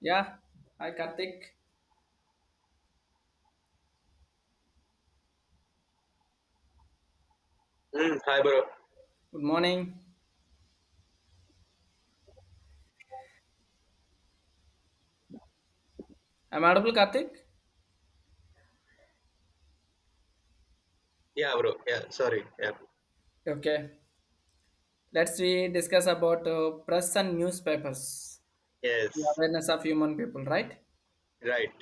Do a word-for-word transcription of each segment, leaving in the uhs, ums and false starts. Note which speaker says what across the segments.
Speaker 1: Yeah. Hi, Karthik.
Speaker 2: Mm, hi, bro.
Speaker 1: Good morning. I'm audible, Karthik.
Speaker 2: Yeah, bro. Yeah, sorry. Yeah.
Speaker 1: Okay. Let's we discuss about uh, press and newspapers, the
Speaker 2: Yes,
Speaker 1: awareness of human people, right?
Speaker 2: right.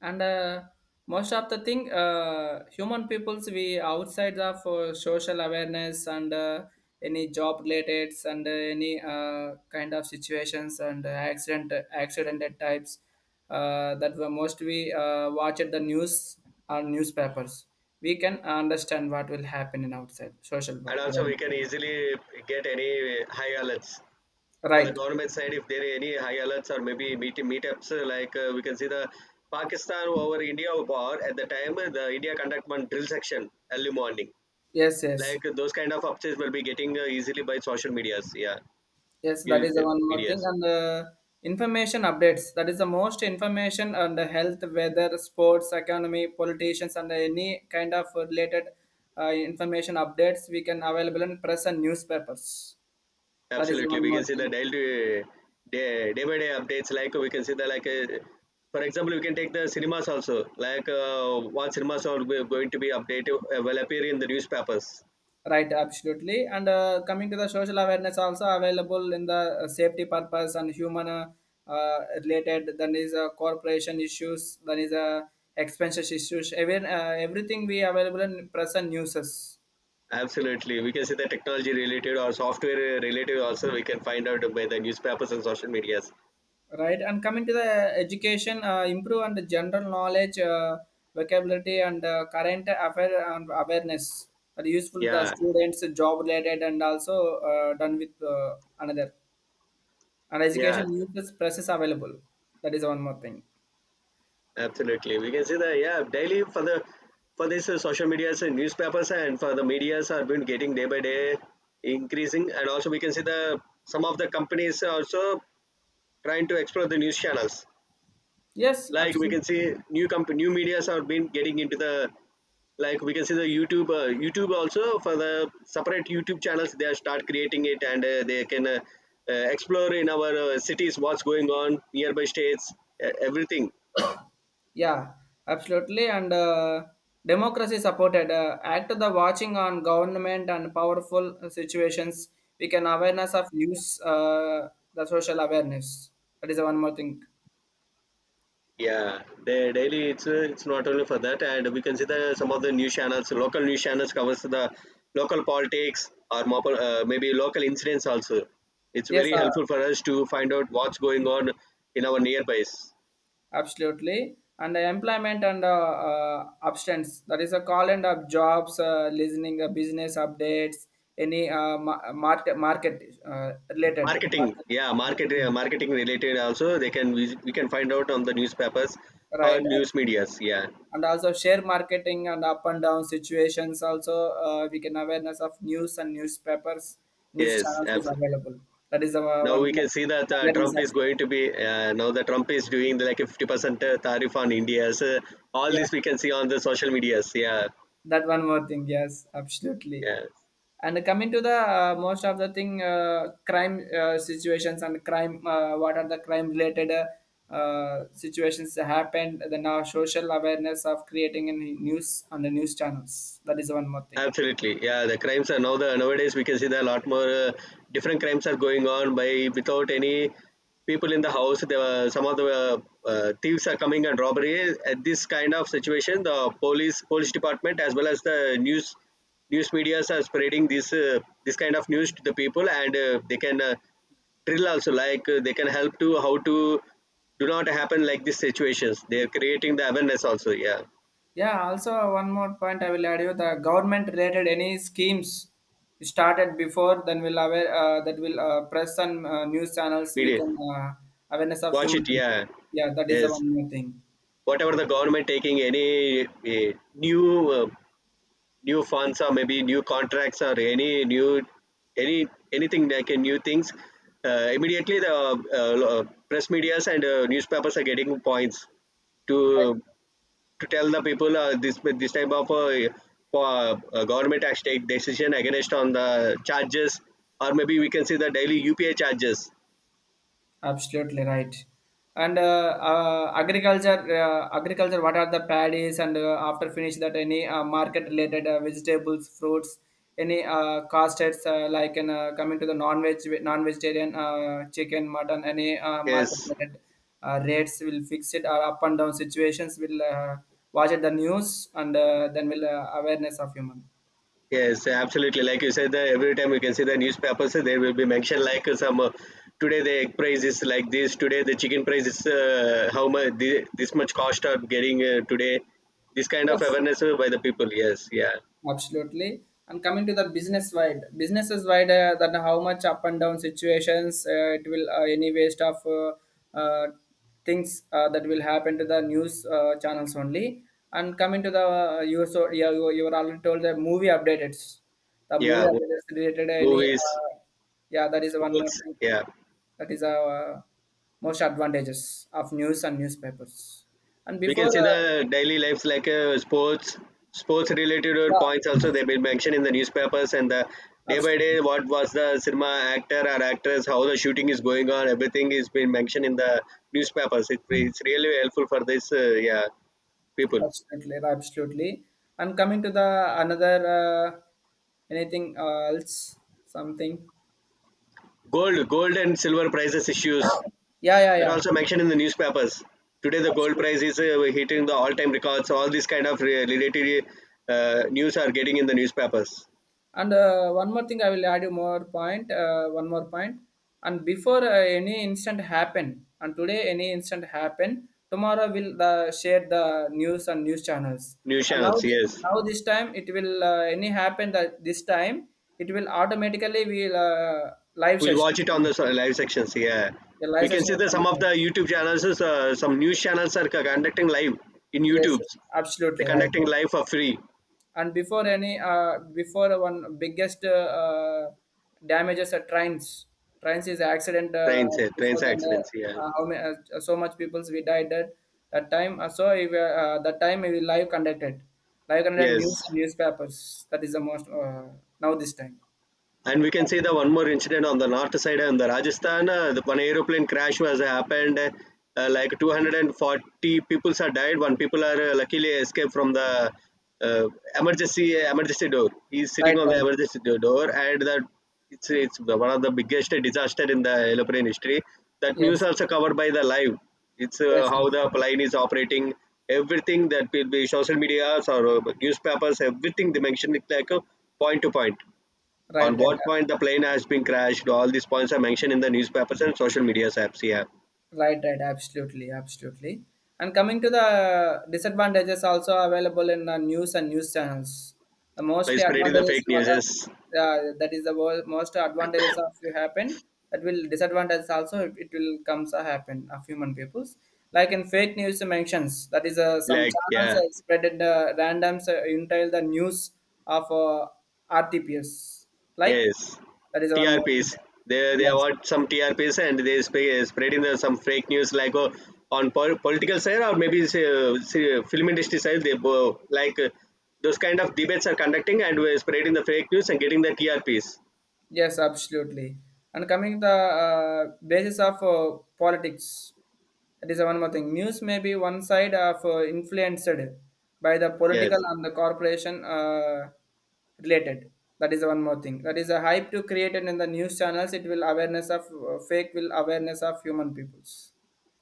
Speaker 1: and uh, most of the thing uh, human peoples we outside of uh, social awareness and uh, any job related and uh, any uh, kind of situations and uh, accident accidented types uh, that were most we uh, watch at the news or newspapers. We can understand what will happen in outside social wa-
Speaker 2: And also,
Speaker 1: awareness.
Speaker 2: we can easily get any high alerts for the
Speaker 1: Right,
Speaker 2: government side if there are any high alerts or maybe meet meetups. uh, Like uh, we can see the Pakistan over India war at the time, uh, the India conduct one drill section early morning.
Speaker 1: yes, yes.
Speaker 2: Like uh, those kind of updates will be getting uh, easily by social medias. Yeah,
Speaker 1: Yes, that
Speaker 2: You-
Speaker 1: is the
Speaker 2: uh,
Speaker 1: one more thing.
Speaker 2: medias.
Speaker 1: And uh, information updates. That is the most information on the health, weather, sports, economy, politicians, and any kind of related uh, information updates we can available in press and newspapers. That is the
Speaker 2: Absolutely,
Speaker 1: one
Speaker 2: we
Speaker 1: more
Speaker 2: can see the
Speaker 1: thing.
Speaker 2: daily day day by day updates. Like we can see the like, uh, for example, we can take the cinemas also. Like uh, what cinemas are go- going to be updated uh, will appear in the newspapers.
Speaker 1: Right, absolutely. And uh, coming to the social awareness also available in the uh, safety purpose and human uh, uh, related. Then is uh, corporation issues. Then is uh, expenses issues. Even uh, everything we available in press and newses.
Speaker 2: Absolutely, we can see the technology related or software related also. We can find out by the newspapers and social medias.
Speaker 1: Right, and coming to the education, uh, improve on the general knowledge, uh, vocabulary, and uh, current affair and awareness are useful to the
Speaker 2: Yeah,
Speaker 1: students, job related, and also uh, done with uh, another. And
Speaker 2: yeah.
Speaker 1: education uses process available. That is one more thing.
Speaker 2: Absolutely, we can see that. Yeah, daily for the for this uh, social medias and newspapers and for the medias are been getting day by day increasing, and also we can see the some of the companies are also trying to explore the news channels.
Speaker 1: Yes,
Speaker 2: Like we
Speaker 1: absolutely.
Speaker 2: can see new comp new medias are been getting into the, like we can see the YouTube uh, YouTube also. For the separate YouTube channels they are start creating it, and uh, they can uh, uh, explore in our uh, cities what's going on nearby states, uh, everything.
Speaker 1: Yeah, absolutely. And uh, democracy supported. Uh, act the watching on government and powerful situations. We can awareness of news, uh, the social awareness. That is one more thing.
Speaker 2: Yeah, the daily it's uh, it's not only for that, and we consider some of the news channels. Local news channels covers the local politics or mo- uh, maybe local incidents also. It's
Speaker 1: Yes,
Speaker 2: very
Speaker 1: uh,
Speaker 2: helpful for us to find out what's going on in our nearbys.
Speaker 1: absolutely. And the employment and uh, uh, abstinence. That is a call and of jobs, uh, listening, uh, business updates, any uh, ma- market market uh, related.
Speaker 2: Marketing,
Speaker 1: Market,
Speaker 2: yeah, market uh, marketing related also. They can, we, we can find out on the newspapers or
Speaker 1: right.
Speaker 2: news medias. Yeah,
Speaker 1: And also share marketing and up and down situations also uh, we can awareness of news and newspapers, news
Speaker 2: yes,
Speaker 1: channels is
Speaker 2: absolutely.
Speaker 1: available. That is our
Speaker 2: Now
Speaker 1: one
Speaker 2: we can
Speaker 1: more
Speaker 2: see that uh,
Speaker 1: awareness
Speaker 2: Trump is
Speaker 1: also,
Speaker 2: going to be, uh, now the Trump is doing the, like a fifty percent tariff on India. So all
Speaker 1: yeah,
Speaker 2: this we can see on the social medias. Yeah,
Speaker 1: that one more thing, yes, absolutely.
Speaker 2: yes.
Speaker 1: And coming to the uh, most of the thing uh, crime uh, situations and crime, uh, what are the crime related uh, uh, situations that happened, then our social awareness of creating a news on the news channels. That is one more thing.
Speaker 2: Absolutely, yeah. The crimes are now the nowadays, we can see that a lot more uh, different crimes are going on by without any people in the house. There were some of the uh, uh, thieves are coming and robbery. At this kind of situation, the police police department as well as the news news media's are spreading this uh, this kind of news to the people, and uh, they can uh, drill also. Like uh, they can help to how to do not happen like these situations. They are creating the awareness also. Yeah,
Speaker 1: Yeah, also one more point I will add you the government related any schemes started before, then will aware uh, that will uh, press on uh, news channels. We
Speaker 2: media
Speaker 1: can uh, awareness of
Speaker 2: watch
Speaker 1: human
Speaker 2: it.
Speaker 1: people.
Speaker 2: Yeah,
Speaker 1: Yeah, that is the
Speaker 2: yes.
Speaker 1: one more thing.
Speaker 2: Whatever the government taking any uh, new uh, new funds or maybe new contracts or any new any anything like a new things, uh, immediately the uh, uh, press medias and uh, newspapers are getting points to to tell the people, uh, this this type of uh, uh, uh, government has take decision against on the charges, or maybe we can see the daily U P I charges.
Speaker 1: Absolutely right. And uh, uh, agriculture, uh, agriculture. What are the paddies? And uh, after finish that, any uh, market-related uh, vegetables, fruits, any uh, castards uh, like in uh, coming to the non-veg, non-vegetarian uh, chicken, mutton, any uh,
Speaker 2: Yes,
Speaker 1: market-related uh, rates will fix it or up and down situations. Will uh, watch it the news and uh, then will uh, awareness of human.
Speaker 2: yes, absolutely. Like you said, that every time you can see the newspapers, uh, there will be mentioned like uh, some uh, today the egg price is like this, today the chicken price is, uh, how much this, this much cost are getting uh, today. This kind of
Speaker 1: Yes.
Speaker 2: awareness uh, by the people. Yes, yeah,
Speaker 1: Absolutely. And coming to the business wide, businesses wide, uh, that how much up and down situations uh, it will uh, any waste of uh, uh, things uh, that will happen to the news uh, channels only. And coming to the uh, you so yeah you, you were already told the movie updates, the movie
Speaker 2: yeah. Mo-
Speaker 1: updates related any
Speaker 2: Movies,
Speaker 1: uh, yeah, that is one more
Speaker 2: sports,
Speaker 1: thing,
Speaker 2: yeah.
Speaker 1: that is uh, most advantages of news and newspapers. And
Speaker 2: We
Speaker 1: before
Speaker 2: can see
Speaker 1: the,
Speaker 2: the daily lives like, uh, sports, sports related uh, points
Speaker 1: yeah,
Speaker 2: also they've been mentioned in the newspapers, and the day by
Speaker 1: absolutely.
Speaker 2: day what was the cinema actor or actress, how the shooting is going on, everything is been mentioned in the newspapers. It, it's really helpful for this uh, yeah people.
Speaker 1: Absolutely, absolutely. And coming to the another uh, anything uh, else, something.
Speaker 2: Gold, gold and silver prices issues,
Speaker 1: Yeah, yeah,
Speaker 2: that
Speaker 1: yeah.
Speaker 2: also mentioned in the newspapers. Today the gold price
Speaker 1: Absolutely.
Speaker 2: is uh, hitting the all-time records. All these kind of uh, related uh, news are getting in the newspapers,
Speaker 1: And uh, one more thing, I will add you more point. Uh, one more point. And before uh, any incident happen, and today any incident happen, tomorrow will the share the news and news channels.
Speaker 2: news
Speaker 1: And now,
Speaker 2: channels.
Speaker 1: thi-
Speaker 2: Yes.
Speaker 1: now this time it will uh, any happen that this time it will automatically will uh, live
Speaker 2: We'll watch
Speaker 1: sessions.
Speaker 2: it on the uh, live sections. Yeah,
Speaker 1: The
Speaker 2: we
Speaker 1: live
Speaker 2: can
Speaker 1: session
Speaker 2: see
Speaker 1: will
Speaker 2: that some of the
Speaker 1: connect.
Speaker 2: YouTube channels, uh, some news channels are conducting live in
Speaker 1: Yes, yes,
Speaker 2: YouTube's. They're
Speaker 1: absolutely right.
Speaker 2: conducting live for free
Speaker 1: And before any, uh, before one biggest uh, uh, damages are trains. Trains is accident uh,
Speaker 2: trains, uh, trains
Speaker 1: before then. Uh,
Speaker 2: accidents. Yeah,
Speaker 1: uh, how many? Uh, so much people's we died that that time. Uh, so if, uh, uh, that time we live conducted, live conducted news
Speaker 2: yes.
Speaker 1: and newspapers. That is the most uh, now this time.
Speaker 2: And we can see the one more incident on the north side uh, in the Rajasthan. Uh, the one aeroplane crash was happened. Uh, uh, like two hundred forty people are died. One people are uh, luckily escaped from the uh, emergency emergency door. He is sitting
Speaker 1: Right,
Speaker 2: on the
Speaker 1: right.
Speaker 2: emergency do- door, and that it's it's one of the biggest disaster in the aeroplane history. That news
Speaker 1: Yes,
Speaker 2: also covered by the live. It's uh,
Speaker 1: yes, yes.
Speaker 2: How the plane is operating. Everything that will be social media or uh, newspapers, everything they mentioned it like a point to point
Speaker 1: Right,
Speaker 2: on
Speaker 1: right.
Speaker 2: what point the plane has been crashed. All these points are mentioned in the newspapers and social media apps. Yeah,
Speaker 1: Right, right, absolutely, absolutely. And coming to the disadvantages also available in the news and news channels. The
Speaker 2: by
Speaker 1: mostly
Speaker 2: spreading the
Speaker 1: advantages
Speaker 2: fake
Speaker 1: what
Speaker 2: news.
Speaker 1: are,
Speaker 2: Yes.
Speaker 1: uh, that is the wo- most advantages of you happen, that will disadvantages also. It, it will comes a happen of human peoples. Like in fake news mentions, that is uh, some
Speaker 2: Like
Speaker 1: channels
Speaker 2: yeah,
Speaker 1: are spread in the randoms uh, entail the news of uh, R T P S like,
Speaker 2: yes,
Speaker 1: that is one more thing.
Speaker 2: T R Ps. They they
Speaker 1: Yes.
Speaker 2: want some T R Ps, and they sp- spreading the, some fake news like oh, on pol- political side, or maybe say, uh, say, film industry side. They bo- like uh, Those kind of debates are conducting, and we're spreading the fake news and getting the T R Ps.
Speaker 1: Yes, absolutely. And coming the uh, basis of uh, politics, that is one more thing. News may be one side of uh, influenced by the
Speaker 2: Yes,
Speaker 1: political and the corporation uh, related. That is one more thing. That is a hype to create it in the news channels. It will awareness of uh, fake, will awareness of human peoples.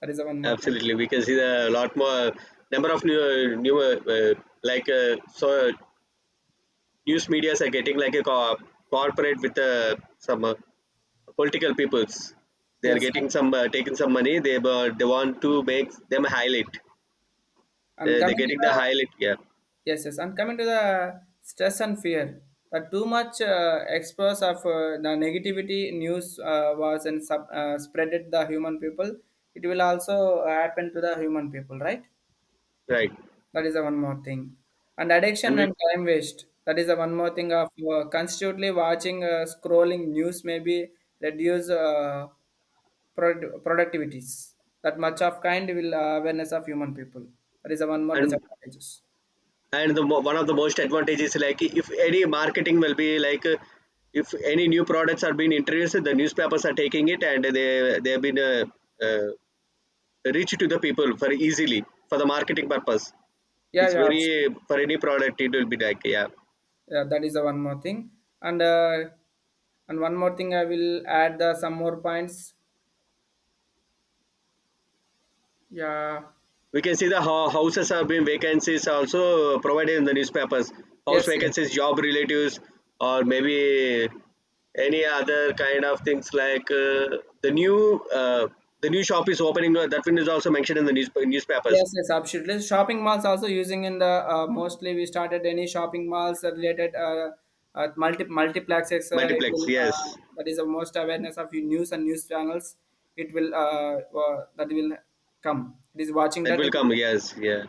Speaker 1: That is one more thing.
Speaker 2: absolutely. We can see the lot more number of new, uh, new uh, uh, like uh, so news medias are getting like a co- corporate with uh, some uh, political peoples. They're
Speaker 1: Yes,
Speaker 2: getting some uh, taking some money. They uh, they want to make them highlight.
Speaker 1: and
Speaker 2: Uh, they're
Speaker 1: coming to
Speaker 2: getting the
Speaker 1: the,
Speaker 2: highlight. Yeah,
Speaker 1: yes, yes. And coming to the stress and fear, the too much uh, express of uh, the negativity news uh, was and sub, uh, spreaded the human people. It will also happen to the human people, right?
Speaker 2: right.
Speaker 1: That is the one more thing. And
Speaker 2: And
Speaker 1: addiction
Speaker 2: we
Speaker 1: and time waste. That is the one more thing of uh, constantly watching, uh, scrolling news maybe reduce uh, prod productivities. That much of kind will uh, awareness of human people. That is the one more
Speaker 2: and
Speaker 1: disadvantages.
Speaker 2: and the mo- one of the most advantages, like if any marketing will be like. Uh, if any new products are being introduced, the newspapers are taking it and they they have been uh, uh, reached to the people for easily for the marketing purpose.
Speaker 1: Yeah,
Speaker 2: It's
Speaker 1: yeah.
Speaker 2: very for any product it will be like, yeah,
Speaker 1: Yeah, that is the one more thing. And uh, and one more thing, I will add the some more points. Yeah.
Speaker 2: we can see the ho- houses have been vacancies also provided in the newspapers. House
Speaker 1: Yes. Yes.
Speaker 2: vacancies, job relatives, or maybe any other kind of things like uh, the new uh, the new shop is opening, uh, that one is also mentioned in the news- newspapers.
Speaker 1: Yes. Yes. Absolutely. Shopping malls also using in the uh, mostly we started any shopping malls are related uh, uh multi multiplexes. Uh, it
Speaker 2: Multiplex,
Speaker 1: will uh,
Speaker 2: yes,
Speaker 1: that is the most awareness of your news and news channels. It will uh, uh that will come. It is watching
Speaker 2: that
Speaker 1: that.
Speaker 2: will come,
Speaker 1: Again.
Speaker 2: yes, yeah,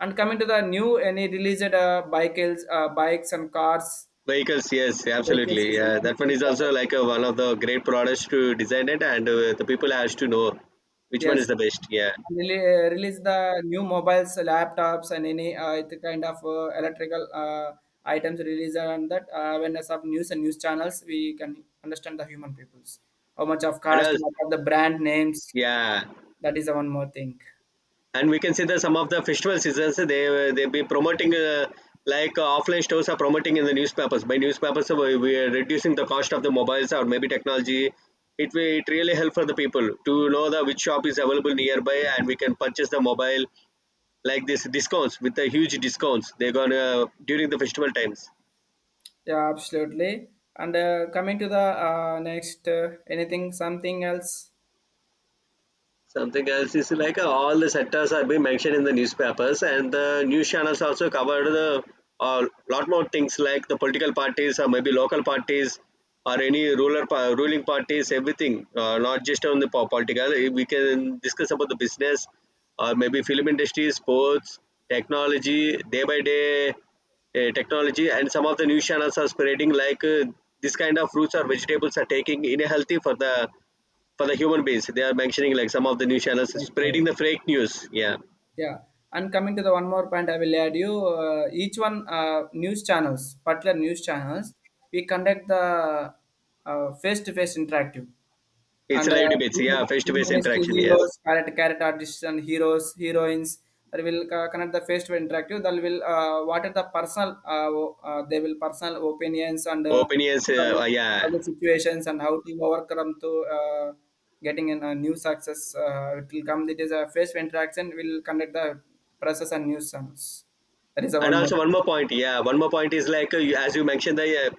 Speaker 1: And coming to the new any released uh, bicycles, uh, bikes and cars,
Speaker 2: vehicles, yes, absolutely,
Speaker 1: vehicles is the
Speaker 2: yeah.
Speaker 1: most
Speaker 2: That one is also
Speaker 1: important.
Speaker 2: like uh, one of the great products to design it, and uh, the people has to know which one
Speaker 1: Yes.
Speaker 2: is the best, yeah,
Speaker 1: And rele uh, release the new mobiles, laptops, and any uh, it kind of uh, electrical uh, items release, and that uh, awareness of news and news channels, we can understand the human peoples. How much of
Speaker 2: and
Speaker 1: cost,
Speaker 2: also,
Speaker 1: what are the brand names?
Speaker 2: yeah.
Speaker 1: That is the one more thing.
Speaker 2: And we can see that some of the festival seasons, they they be promoting uh, like uh, offline stores are promoting in the newspapers. By newspapers, uh, we, we are reducing the cost of the mobiles or maybe technology. It will, it really help for the people to know the which shop is available nearby, and we can purchase the mobile like this discounts, with the huge discounts they're gonna during the festival times.
Speaker 1: Yeah, absolutely. And uh, coming to the uh, next, uh, anything, something else?
Speaker 2: Something else is like, uh, all the sectors are being mentioned in the newspapers, and the news channels also cover the a, uh, lot more things like the political parties or maybe local parties, or any ruler pa- ruling parties. Everything, uh, not just on the po- political. Eh, we can discuss about the business or maybe film industry, sports, technology, day by day uh, technology, and some of the news channels are spreading like, uh, this kind of fruits or vegetables are taking in a healthy for the for the human beings. They are mentioning like some of the news channels
Speaker 1: Right,
Speaker 2: spreading
Speaker 1: right.
Speaker 2: the fake news. Yeah,
Speaker 1: Yeah. And coming to the one more point, I will add you uh, each one uh, news channels, particular news channels, we conduct the face to face interactive.
Speaker 2: it's a
Speaker 1: and
Speaker 2: live
Speaker 1: uh,
Speaker 2: debates.
Speaker 1: film,
Speaker 2: Yeah, face to
Speaker 1: film
Speaker 2: face
Speaker 1: industry
Speaker 2: interaction. Yes,
Speaker 1: heroes character, character artists and heroes heroines, that will uh, connect the face to interactive, that will uh, what are the personal uh, o- uh, they will personal opinions and uh,
Speaker 2: opinions. Uh,
Speaker 1: struggle,
Speaker 2: uh, yeah,
Speaker 1: struggle situations and how to overcome to uh, getting in a new success. uh, it will come, it is a face to interaction will conduct the process and new sums. That is the
Speaker 2: and
Speaker 1: one more
Speaker 2: also one
Speaker 1: thing.
Speaker 2: more point. Yeah, one more point is like, uh, you- as you mentioned the. Uh,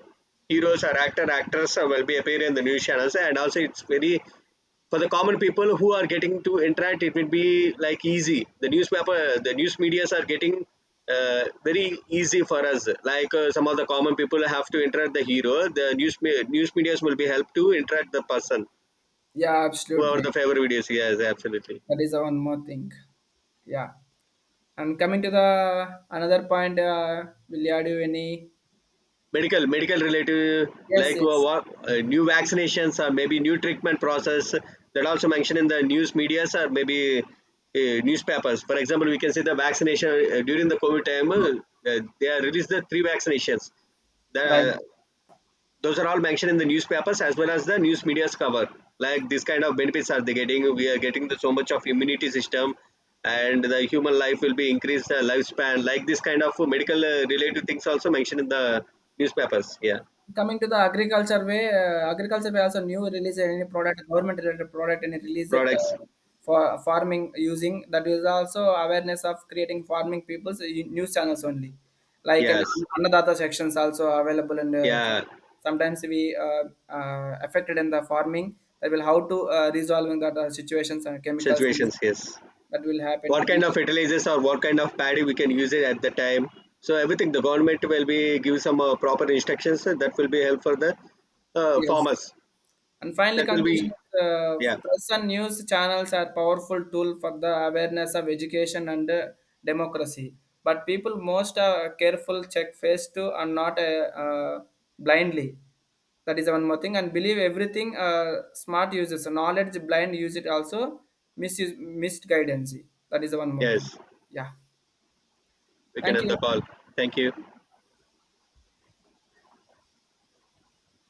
Speaker 2: Heroes or actor actors uh, will be appearing in the news channels, and also it's very for the common people who are getting to interact. It will be like easy, the newspaper, the news medias are getting uh, very easy for us. Like uh, some of the common people have to interact the hero, the news me- news medias will be help to interact the person
Speaker 1: Yeah,
Speaker 2: whoever
Speaker 1: absolutely,
Speaker 2: the favorite videos, yes, absolutely.
Speaker 1: that is the one more thing. Yeah. And coming to the another point, uh, will you add any?
Speaker 2: Medical, medical related,
Speaker 1: Yes,
Speaker 2: like uh,
Speaker 1: yes,
Speaker 2: what uh, new vaccinations or maybe new treatment process, that also mentioned in the news medias or maybe uh, newspapers. For example, we can say the vaccination uh, during the covid time, uh, uh, they are released the three vaccinations, the
Speaker 1: right.
Speaker 2: those are all mentioned in the newspapers as well as the news media's cover. Like this kind of benefits are they getting, we are getting the, so much of immunity system, and the human life will be increased the lifespan. Like this kind of medical uh, related things also mentioned in the newspapers, yeah,
Speaker 1: Coming to the agriculture way, uh, agriculture way also new release any product, government related product, and release it
Speaker 2: products,
Speaker 1: uh, for farming using, that is also awareness of creating farming people's uh, news channels only, like an
Speaker 2: yes,
Speaker 1: Annadata sections also available in the ch-
Speaker 2: yeah,
Speaker 1: sometimes we uh, uh, affected in the farming, that will how to uh, resolving that uh, situations and chemicals
Speaker 2: situations, yes.
Speaker 1: that will happen to
Speaker 2: What
Speaker 1: the.
Speaker 2: kind of fertilizers or what kind of paddy we can use it at the time, so everything the government will be give some uh, proper instructions uh, that will be help for the uh,
Speaker 1: Yes.
Speaker 2: farmers,
Speaker 1: And finally,
Speaker 2: that will
Speaker 1: conclusion
Speaker 2: be,
Speaker 1: is uh,
Speaker 2: yeah,
Speaker 1: press and news channels are powerful tool for the awareness of education and uh, democracy. But people most are careful, check face to, and not uh, uh, blindly. That is one more thing. And believe everything uh, smart uses. Knowledge blind use it also misuse, missed guidance. That is one more thing.
Speaker 2: yes,
Speaker 1: Yeah.
Speaker 2: we can
Speaker 1: Thank
Speaker 2: end the
Speaker 1: you.
Speaker 2: call. Thank you.